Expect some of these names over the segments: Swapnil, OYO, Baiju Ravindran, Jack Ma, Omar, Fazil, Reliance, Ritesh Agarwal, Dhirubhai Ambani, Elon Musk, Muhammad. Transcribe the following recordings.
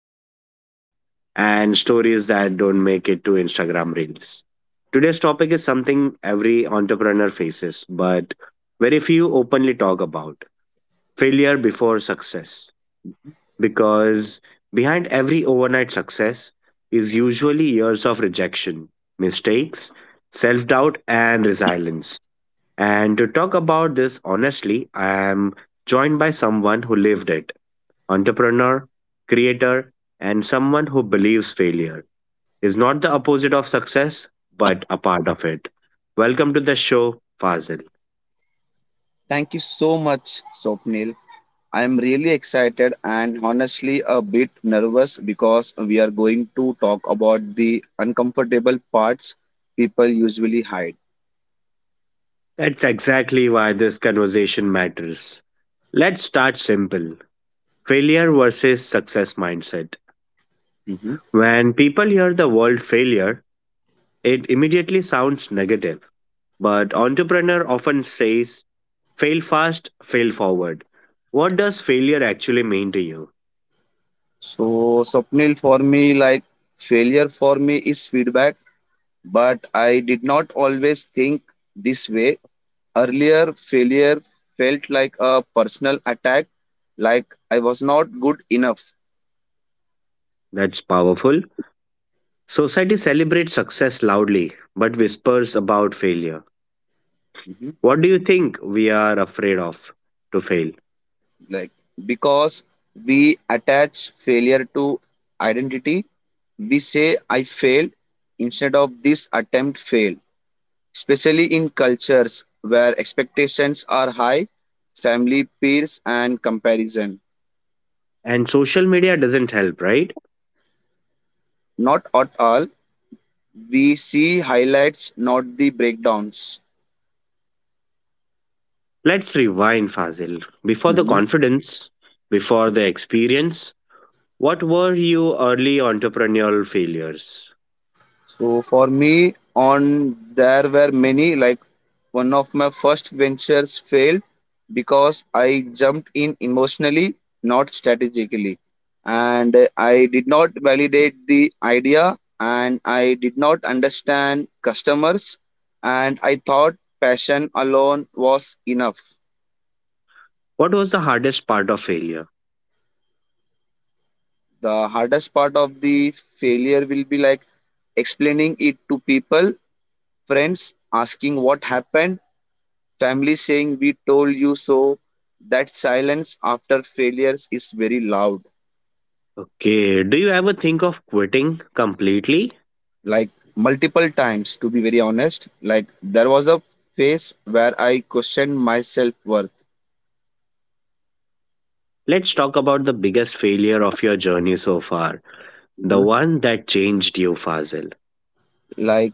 raw lessons, and stories that don't make it to Instagram Reels. Today's topic is something every entrepreneur faces, but very few openly talk about failure before success. Mhm. Because behind every overnight success is usually years of rejection, mistakes, self doubt, and resilience and to talk about this honestly, I am joined by someone who lived it entrepreneur, creator, and someone who believes failure is not the opposite of success, but a part of it. Welcome to the show, Fazil. Thank you so much, Swapnil. I am really excited and honestly a bit nervous because we are going to talk about the uncomfortable parts people usually hide. That's exactly why this conversation matters. Let's start simple failure versus success mindset. Mhm. When people hear the word failure, it immediately sounds negative, but entrepreneur often says, fail fast, fail forward. What does failure actually mean to you? So, Swapnil, for me, like failure for me is feedback, but I did not always think this way. Earlier, failure felt like a personal attack, like I was not good enough. That's powerful. Society celebrates success loudly, but whispers about failure. What do you think we are afraid of to fail? Like because we attach failure to identity, we say I failed instead of this attempt failed, especially in cultures where expectations are high, family, peers, and comparison. And social media doesn't help, right? Not at all, we see highlights, not the breakdowns. Let's rewind, Fazil. Before the Mhm. confidence, before the experience, what were your early entrepreneurial failures? So for me, on there were many. Like one of my first ventures failed because I jumped in emotionally, not strategically, and I did not validate the idea, and I did not understand customers, and I thought passion alone was enough. What was the hardest part of failure? The hardest part of the failure will be like explaining it to people, friends asking what happened, family saying, "We told you so." That silence after failures is very loud. Okay, do you ever think of quitting completely? Like multiple times, to be very honest. Like, there was a phase where I questioned my self worth. Let's talk about the biggest failure of your journey so far, the Mhm. one that changed you, Fazil. Like,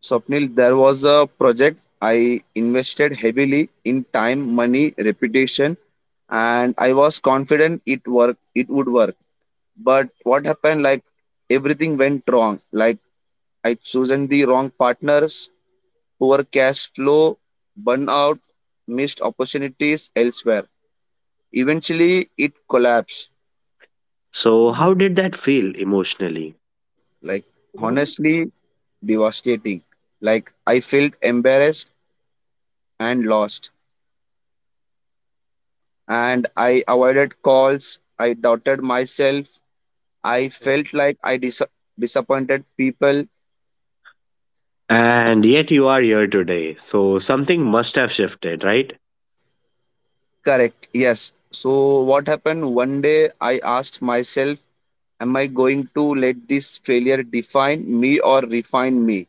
Swapnil, there was a project I invested heavily in, time, money, reputation, and I was confident it would work. But what happened, like everything went wrong. Like I chosen the wrong partners, poor cash flow, burnout, missed opportunities elsewhere. Eventually, it collapsed. So, how did that feel emotionally? Like, honestly, devastating. Like, I felt embarrassed and lost. And I avoided calls. I doubted myself. I felt like I disappointed people. And yet you are here today. So something must have shifted, right? Correct. Yes. So, what happened? One day, I asked myself, am I going to let this failure define me or refine me?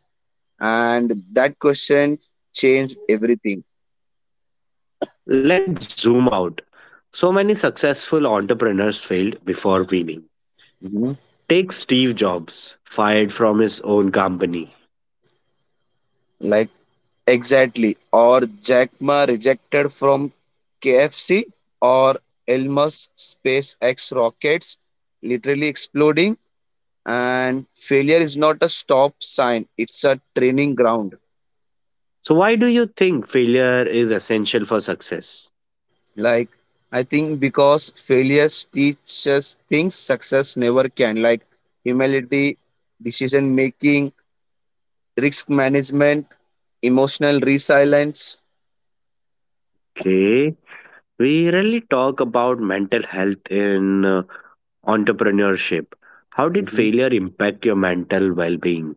And that question changed everything. Let's zoom out. So many successful entrepreneurs failed before winning. You Take Steve Jobs, fired from his own company. like exactly, or Jack Ma rejected from KFC, or Elon Musk SpaceX rockets literally exploding. And failure is not a stop sign, it's a training ground. So, why do you think failure is essential for success? Like I think because failures teach us things success never can, like humility, decision making, risk management, emotional resilience. Okay, we rarely talk about mental health in entrepreneurship. How did Hmm. failure impact your mental well being?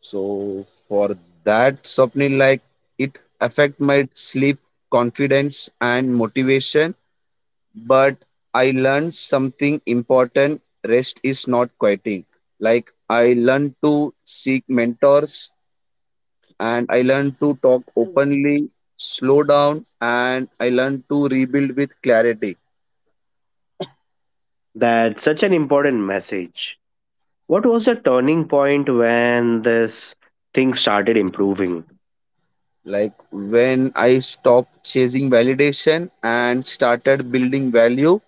So for that, Swapnil, like it affect my sleep, confidence, and motivation. But I learned something important. Rest is not quitting. Like I learned to seek mentors, and I learned to talk openly, slow down, and I learned to rebuild with clarity. That's such an important message. What was the turning point when this thing started improving? Like when I stopped chasing validation and started building value,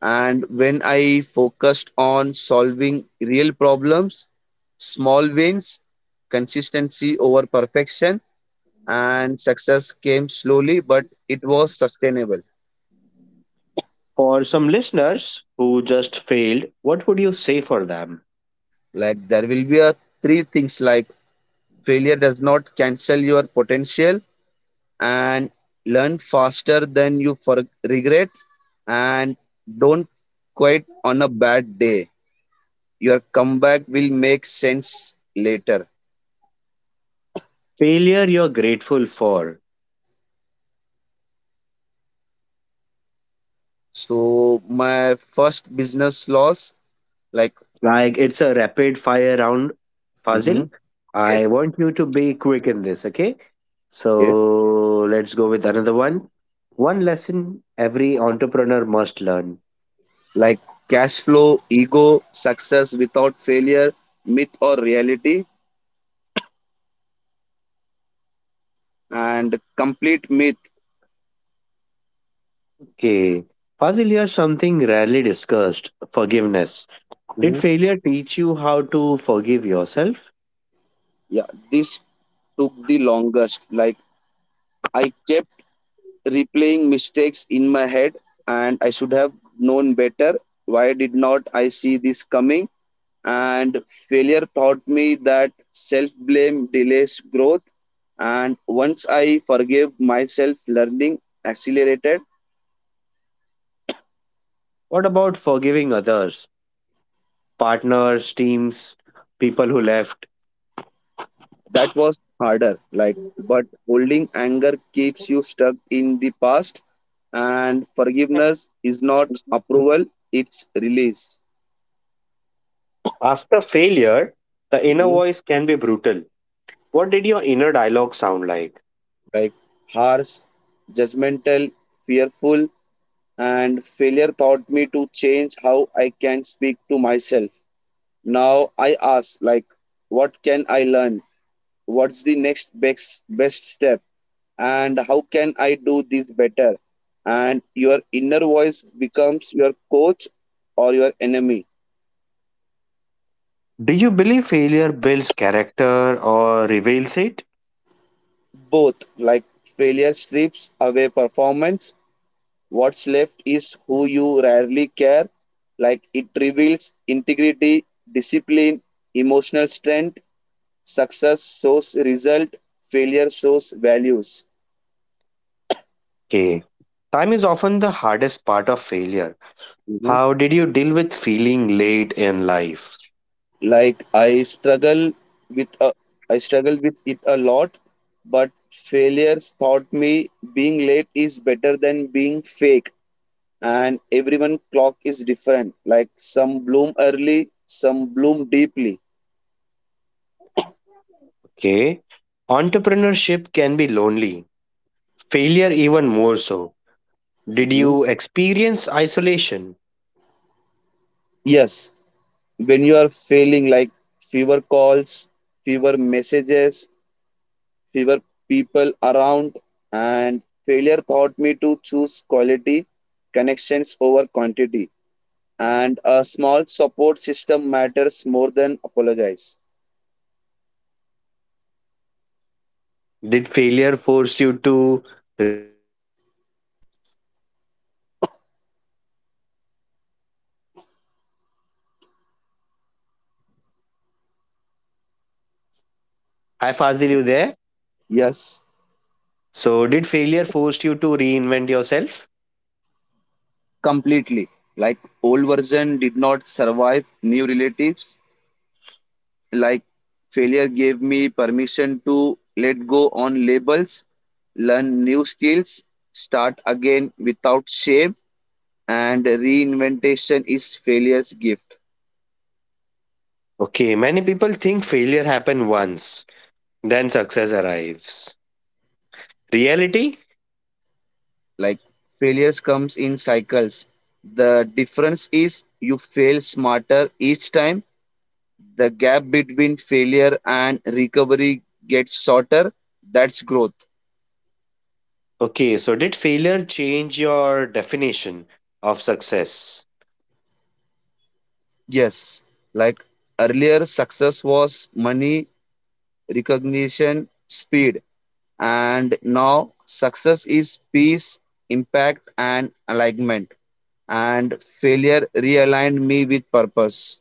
and when I focused on solving real problems, small wins, consistency over perfection, and success came slowly, but it was sustainable. For some listeners who just failed, what would you say for them? Like there will be a three things, like failure does not cancel your potential, and learn faster than you for regret, and don't quit on a bad day, your comeback will make sense later. Failure you're grateful for. So my first business loss, like Like it's a rapid fire round puzzle. mhm, okay. I want you to be quick in this, okay? Okay, So let's go with another one. One lesson every entrepreneur must learn. like cash flow, ego, success without failure, myth or reality, and complete myth. Okay. Fazil, here's something rarely discussed forgiveness. Did Mhm. failure teach you how to forgive yourself? Yeah, this took the longest. Like I kept replaying mistakes in my head, and I should have known better. Why did not I see this coming? And failure taught me that self blame delays growth. And once I forgave myself, learning accelerated. What about forgiving others, partners, teams, people who left? That was harder. Like, but holding anger keeps you stuck in the past. And forgiveness is not approval, it's release. After failure, the inner voice can be brutal. What did your inner dialogue sound like? Like harsh, judgmental, fearful, and failure taught me to change how I can speak to myself. Now I ask, like, what can I learn? What's the best step? And how can I do this better? And your inner voice becomes your coach or your enemy. Do you believe failure builds character or reveals it? Both, like, failure strips away performance. What's left is who you rarely care. Like it reveals integrity, discipline, emotional strength. Success shows result, failure shows values. Okay. Time is often the hardest part of failure. Hmm. How did you deal with feeling late in life? Like I struggle with I struggle with it a lot, but failures taught me being late is better than being fake. And everyone clock is different. Like some bloom early, some bloom deeply. Okay. Entrepreneurship can be lonely, failure, even more so. Did Hmm. you experience isolation? Yes, when you are feeling like fewer calls, fewer messages, fewer people around, and failure taught me to choose quality connections over quantity. And a small support system matters more than apologize. Did failure force you to reinvent yourself? Hi, Fazil, you there? Yes, So, did failure force you to reinvent yourself? completely. Like old version did not survive new relatives. Like failure gave me permission to let go on labels, learn new skills, start again without shame, and reinventation is failure's gift. Okay, many people think failure happened once, then success arrives. Reality? Like failures comes in cycles. The difference is you fail smarter each time. The gap between failure and recovery gets shorter. That's growth. Okay, so did failure change your definition of success? Yes, like earlier success was money, recognition, speed. And now success is peace, impact, and alignment. And failure realigned me with purpose.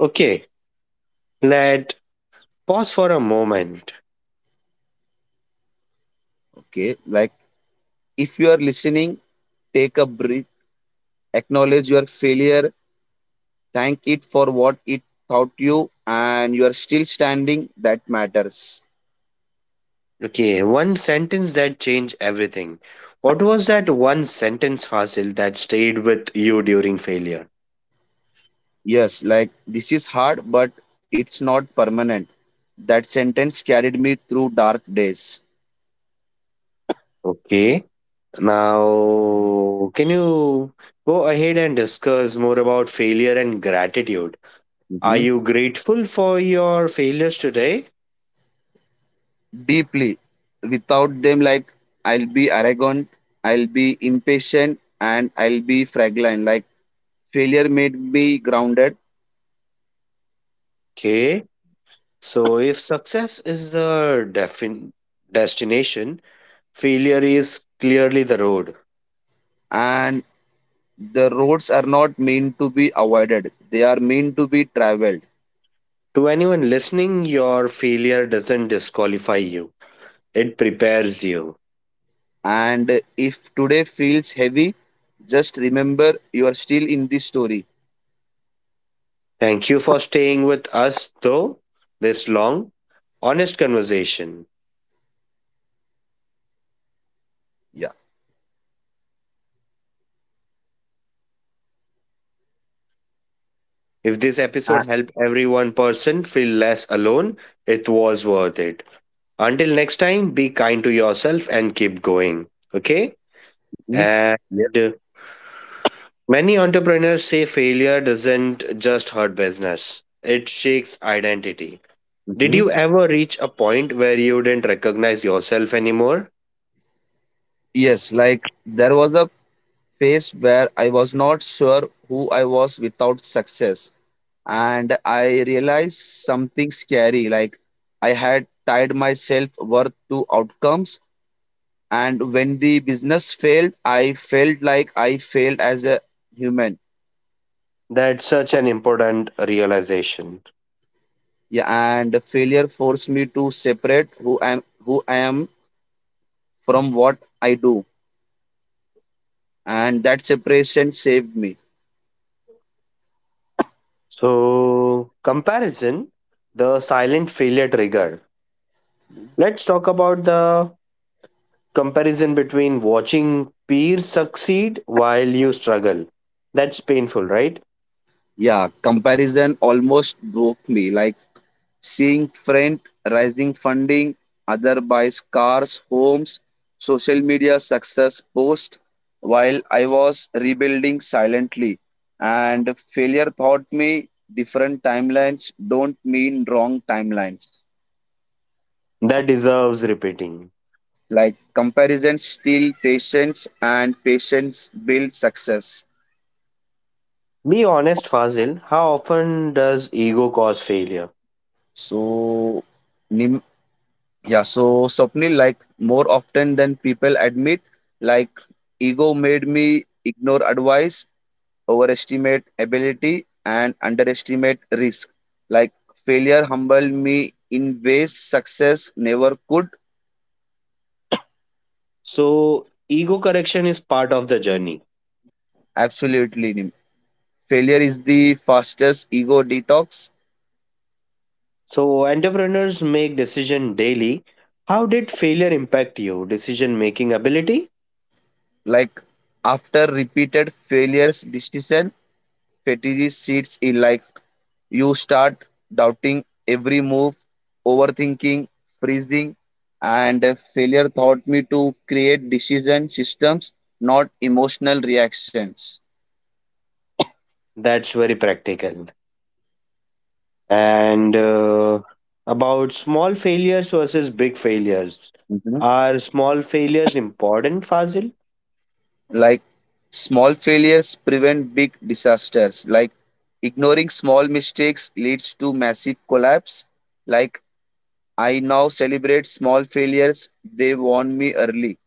Okay, let pause for a moment. Okay, like if you are listening, take a breath, acknowledge your failure, thank it for what it taught you, and you are still standing. That matters. Okay, one sentence that changed everything. What was that one sentence fossil that stayed with you during failure? Yes, like this is hard, but it's not permanent. That sentence carried me through dark days. Okay, now can you go ahead and discuss more about failure and gratitude? Are Mhm. you grateful for your failures today? Deeply. Without them, like I'll be arrogant, I'll be impatient, and I'll be fragile. Like failure made me grounded, Okay. So, if success is the defin- destination, failure is clearly the road. and the roads are not meant to be avoided, they are meant to be traveled. To anyone listening, your failure doesn't disqualify you, it prepares you. And if today feels heavy, just remember you are still in this story. Thank you for staying with us, though, this long, honest conversation. Yeah. If this Ah, episode helped every one person feel less alone, it was worth it. Until next time, be kind to yourself and keep going. Okay? mhm, And yes. uh, many entrepreneurs say failure doesn't just hurt business, it shakes identity. Did Mhm, you ever reach a point where you didn't recognize yourself anymore? yes, like there was a phase where I was not sure who I was without success. And I realized something scary. Like I had tied myself worth to outcomes, and when the business failed, I felt like I failed as a human. That's such an important realization. Yeah, and failure forced me to separate who I am from what I do, and that separation saved me. So, comparison, the silent failure trigger. Let's talk about the comparison between watching peers succeed while you struggle. That's painful, right? Yeah, comparison almost broke me. Like seeing trend rising funding, other buys cars, homes, social media success post, while I was rebuilding silently. And failure taught me different timelines don't mean wrong timelines. That deserves repeating. Like comparison steal patience and patience build success. Be honest, Fazil, how often does ego cause failure? So Nim- yeah, so Swapnil, like more often than people admit, like ego made me ignore advice, overestimate ability and underestimate risk. Like failure humbled me in ways success never could. So, ego correction is part of the journey. Absolutely. Failure is the fastest ego detox. So, entrepreneurs make decision daily. How did failure impact you? Decision making ability? Like after repeated failures, decision fatigue sets in. Like you start doubting every move, overthinking, freezing, and failure taught me to create decision systems, not emotional reactions. That's very practical. And about small failures versus big failures. Are small failures important, Fazil? Like small failures prevent big disasters. Like ignoring small mistakes leads to massive collapse. Like I now celebrate small failures, they warn me early.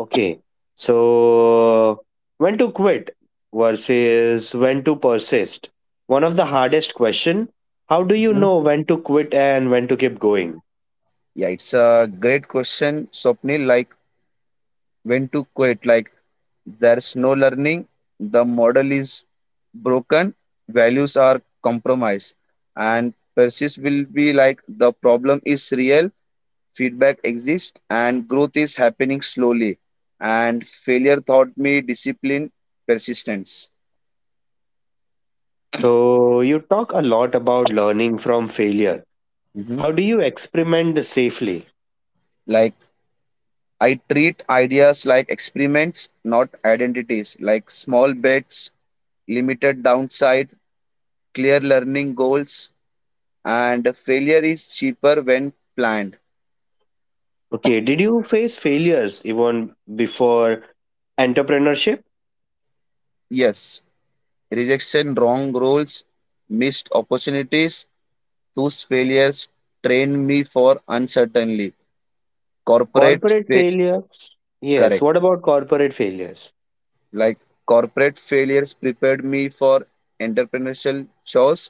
Okay. So, when to quit versus when to persist? One of the hardest question. How do you Mhm. know when to quit and when to keep going? Yeah, it's a great question, Swapnil. Like when to quit, like there's no learning, the model is broken, values are compromised. And persist will be like the problem is real, feedback exists, and growth is happening slowly. And failure taught me discipline, persistence. So, you talk a lot about learning from failure. Hmm. How do you experiment safely? Like I treat ideas like experiments, not identities. Like small bets, limited downside, clear learning goals, and failure is cheaper when planned. Okay, did you face failures even before entrepreneurship? Yes, rejection, wrong roles, missed opportunities, those failures train me for uncertainty. corporate Corporate fa- failures? Yes, what Correct. about corporate failures? Like corporate failures prepared me for entrepreneurial chores.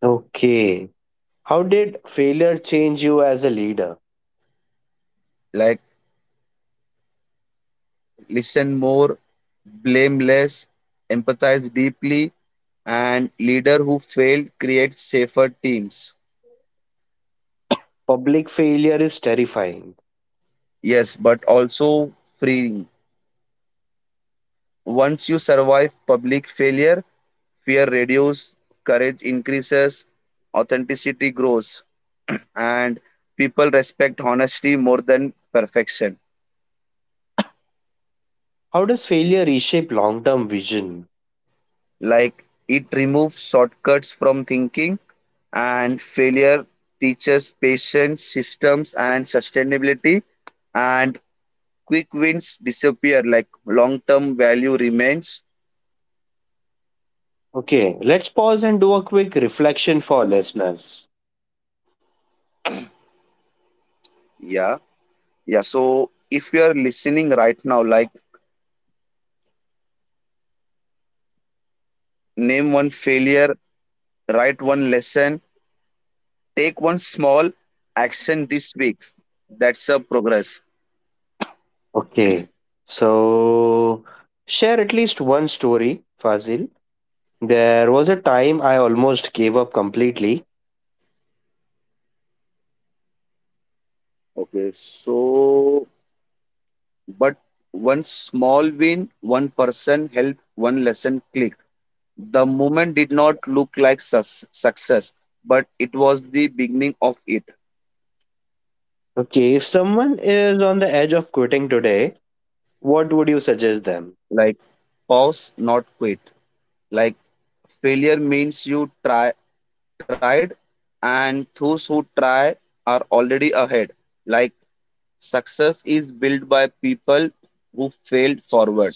Okay. How did failure change you as a leader? Like listen more, blame less, empathize deeply, and leader who failed creates safer teams. Public failure is terrifying. Yes, but also freeing. Once you survive public failure, fear reduces, courage increases, authenticity grows, and people respect honesty more than perfection. How does failure reshape long term vision? Like it removes shortcuts from thinking, and failure teaches patience, systems and sustainability, and quick wins disappear, like long term value remains. Okay, let's pause and do a quick reflection for listeners. yeah yeah, so if you are listening right now, like name one failure, write one lesson, take one small action this week, that's a progress. Okay, so share at least one story, Fazil. There was a time I almost gave up completely. Okay, so but one small win, one person helped, one lesson clicked. The moment did not look like success, but it was the beginning of it. Okay, if someone is on the edge of quitting today, what would you suggest them? Like pause, not quit. Like failure means you try tried, and those who try are already ahead. Like success is built by people who failed forward.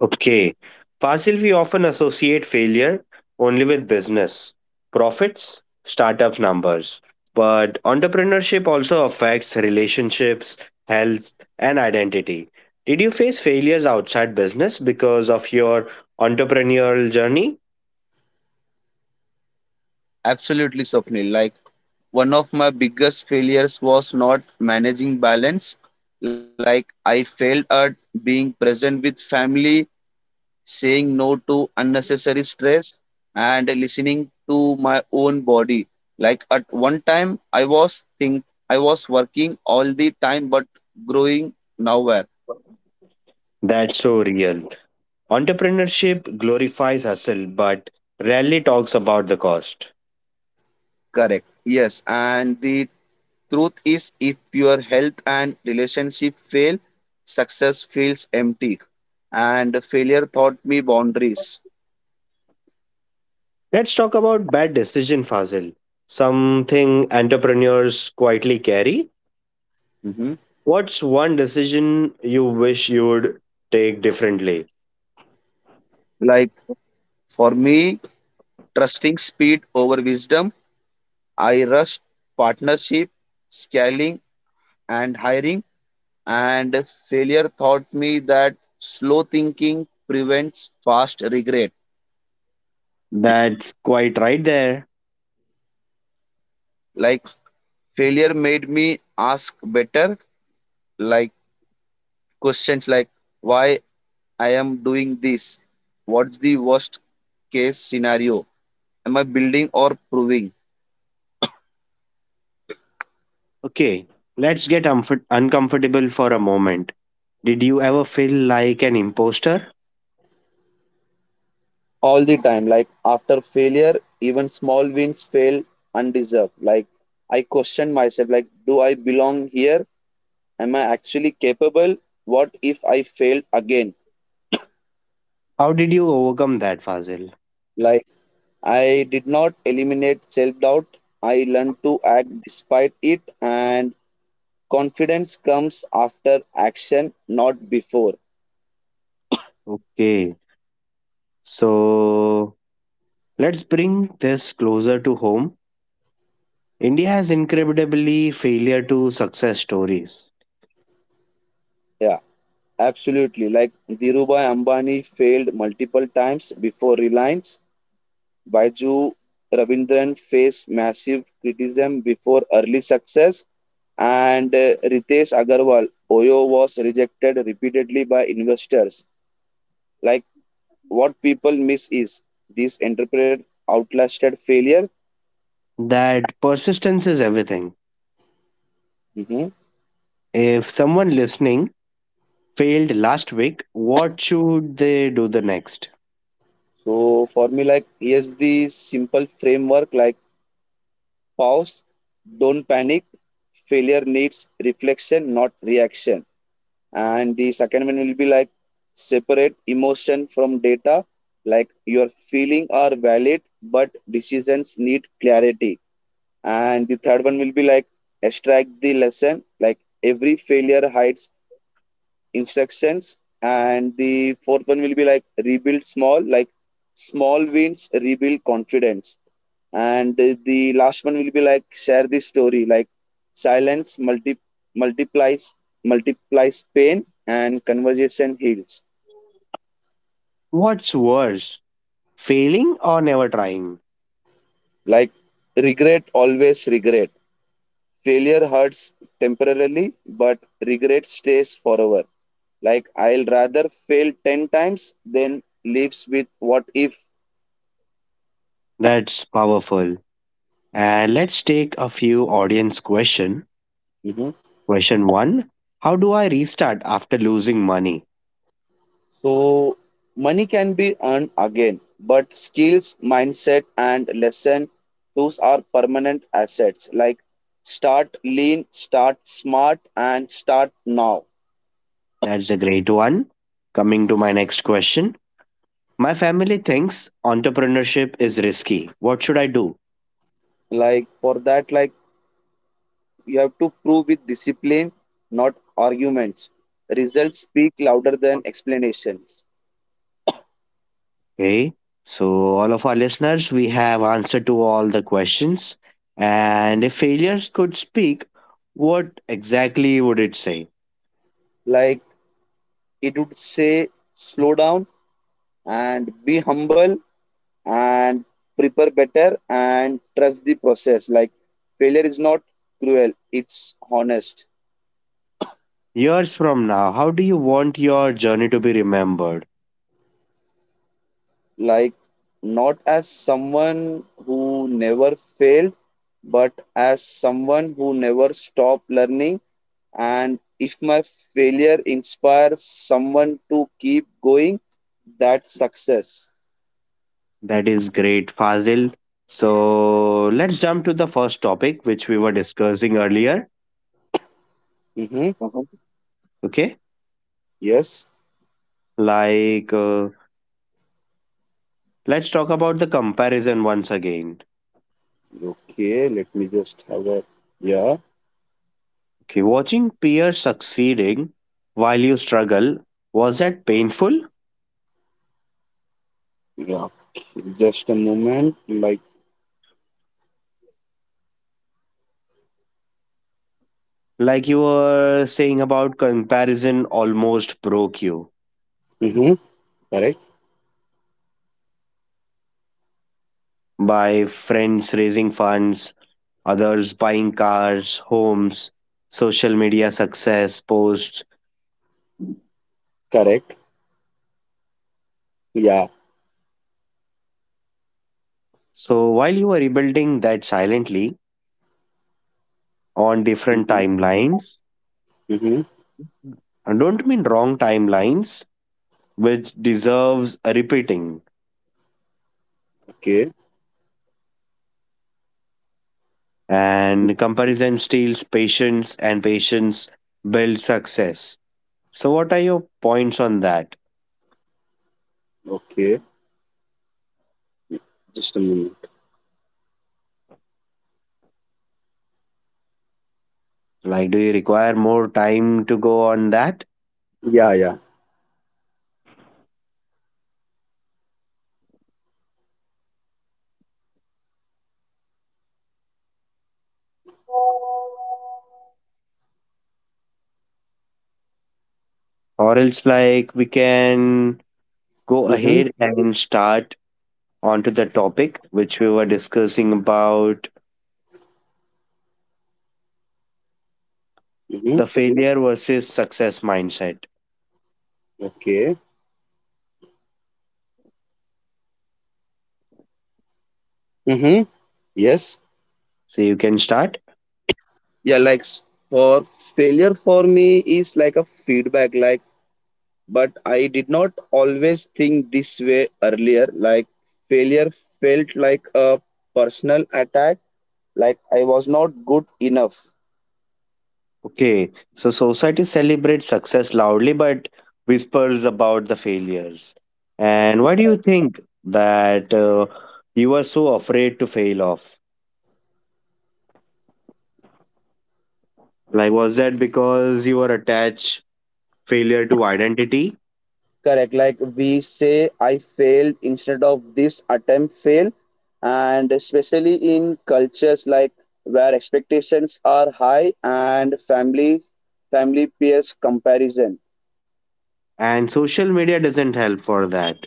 Okay. Fossil, we often associate failure only with business, profits, startup numbers. But entrepreneurship also affects relationships, health, and identity. Did you face failures outside business because of your entrepreneurial journey? Absolutely, Swapnil. Like one of my biggest failures was not managing balance. Like I failed at being present with family, saying no to unnecessary stress, and listening to my own body. Like at one time, I was working all the time, but growing nowhere. That's so real. Entrepreneurship glorifies hustle but rarely talks about the cost. Correct. Yes, and the truth is, if your health and relationship fail, success feels empty. And failure taught me boundaries. Let's talk about bad decision, Fazil. Something entrepreneurs quietly carry. Hmm. What's one decision you wish you would take differently? Like for me, trusting speed over wisdom, I rushed partnership, scaling, and hiring. And failure taught me that slow thinking prevents fast regret. That's quite right there. Like failure made me ask better, like questions like why I am doing this, what's the worst case scenario, am I building or proving Okay, let's get uncomfortable for a moment. Did you ever feel like an imposter? all the time. Like after failure, even small wins fail undeserved. Like I question myself, like do I belong here? Am I actually capable? What if I fail again? How did you overcome that, Fazil? Like I did not eliminate self doubt. I learned to act despite it, and confidence comes after action, not before. Okay, so let's bring this closer to home. India has incredibly failure to success stories. Yeah, absolutely. Like Dhirubhai Ambani failed multiple times before Reliance. Baiju Ravindran faced massive criticism before early success. And Ritesh Agarwal, OYO was rejected repeatedly by investors. Like what people miss is this entrepreneur outlasted failure. That persistence is everything. Mhm. If someone listening failed last week, what should they do the next? So for me, like here's the simple framework. Like pause, don't panic. Failure needs reflection, not reaction. And the second one will be like separate emotion from data. Like your feeling are valid, but decisions need clarity. And the third one will be like extract the lesson. Like every failure hides instructions, and the fourth one will be like rebuild small, like small wins rebuild confidence, and the last one will be like share the story, like silence multiplies multiplies pain and conversation heals. What's worse, failing or never trying? Like regret, always regret. Failure hurts temporarily, but regret stays forever. Like I'll rather fail 10 times than lives with what if. That's powerful. And let's take a few audience question. Mm-hmm. Question 1, how do I restart after losing money? So money can be earned again, but skills, mindset, and lesson, those are permanent assets. Like start lean, start smart, and start now. That's a great one. Coming to my next question, my family thinks entrepreneurship is risky. What should I do? Like for that, like you have to prove with discipline, not arguments. Results speak louder than explanations. Okay. So, all of our listeners, we have answered to all the questions. And if failures could speak, what exactly would it say? Like it would say, slow down and be humble and prepare better and trust the process. Like failure is not cruel, it's honest. Years from now, how do you want your journey to be remembered? Like not as someone who never failed, but as someone who never stopped learning. And if my failure inspires someone to keep going, that's success. That is great, Fazil. So, let's jump to the first topic, which we were discussing earlier. Mm-hmm. Mhm. Okay. Yes. Like, uh, let's talk about the comparison once again. Okay, let me just have a yeah, Okay. Watching peers succeeding while you struggle, was that painful? yeah, just a moment like Like you were saying about comparison almost broke you mm-hmm. Correct, by friends raising funds, others buying cars, homes, social media success posts. correct. Yeah. So while you were rebuilding that silently on different Mm-hmm. timelines, Mm-hmm. I don't mean wrong timelines, which deserves a repeating. Okay, And comparison steals patience, and patience builds success. So, what are your points on that? okay. Just a moment. Like, do you require more time to go on that? Yeah, yeah. Or else, like, we can go Mm-hmm. ahead and start onto the topic which we were discussing about Mm-hmm. the failure versus success mindset. Okay. Mm-hmm. Yes. So, you can start. Yeah, like s- for failure for me is like a feedback, like, but I did not always think this way earlier. Like, failure felt like a personal attack, like I was not good enough. Okay. So, society celebrates success loudly but whispers about the failures. And why do you think that you were so afraid to fail off? Like, was that because you were attached failure to identity? Correct. Like we say, I failed instead of this attempt failed. And especially in cultures like where expectations are high and family peers comparison. And social media doesn't help for that.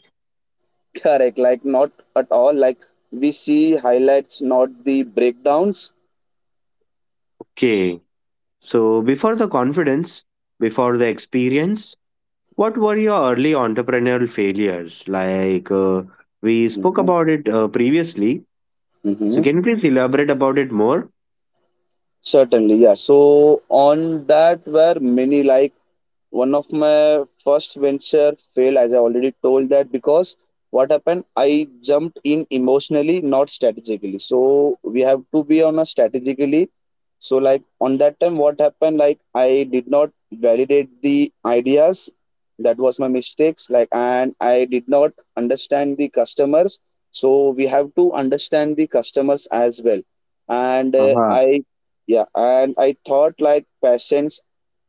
Correct. Like not at all. Like we see highlights, not the breakdowns. Okay, so before the confidence, before the experience, what were your early entrepreneurial failures? We spoke Mhm, about it previously, so mhm. can you please elaborate about it more? Certainly, yeah. So on that were many, like one of my first venture failed, as I already told that, because what happened, I jumped in emotionally, not strategically, so we have to be on a strategically. So like on that time, what happened, like I did not validate the ideas, that was my mistakes, like, and I did not understand the customers, so we have to understand the customers as well, and Uh-huh. I yeah and I thought like patience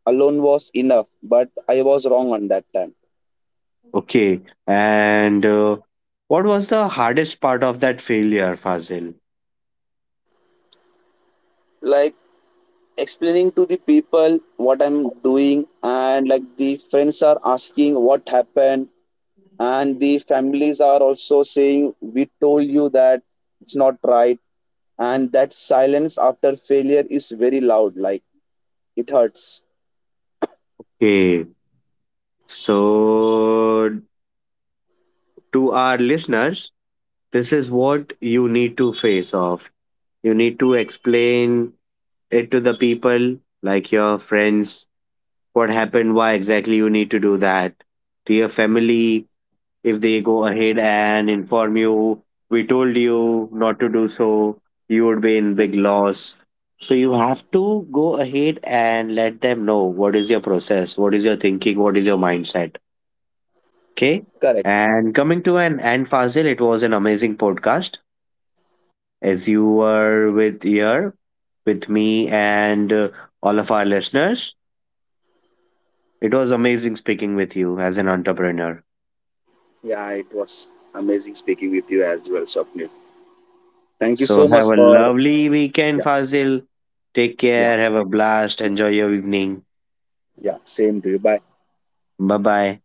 alone was enough, but I was wrong on that time. Okay, and what was the hardest part of that failure, Fazil? Like explaining to the people what I'm doing, and like the friends are asking what happened, and the families are also saying, we told you that it's not right, and that silence after failure is very loud, like it hurts. Okay, so to our listeners, this is what you need to face off. You need to explain it to the people, like your friends, what happened, why exactly you need to do that. To your family, if they go ahead and inform you, we told you not to do so, you would be in Mm. big loss. So you have to go ahead and let them know what is your process, what is your thinking, what is your mindset. Okay. Correct. And coming to an end, Fazil, it was an amazing podcast as you were with here with me and all of our listeners. It was amazing speaking with you as an entrepreneur. Yeah, it was amazing speaking with you as well, Swapnil. Thank you so So have much a for lovely weekend, yeah, Fazil. Take yeah, care. Have a blast. Enjoy your evening. yeah. Same to you. Bye. Bye bye.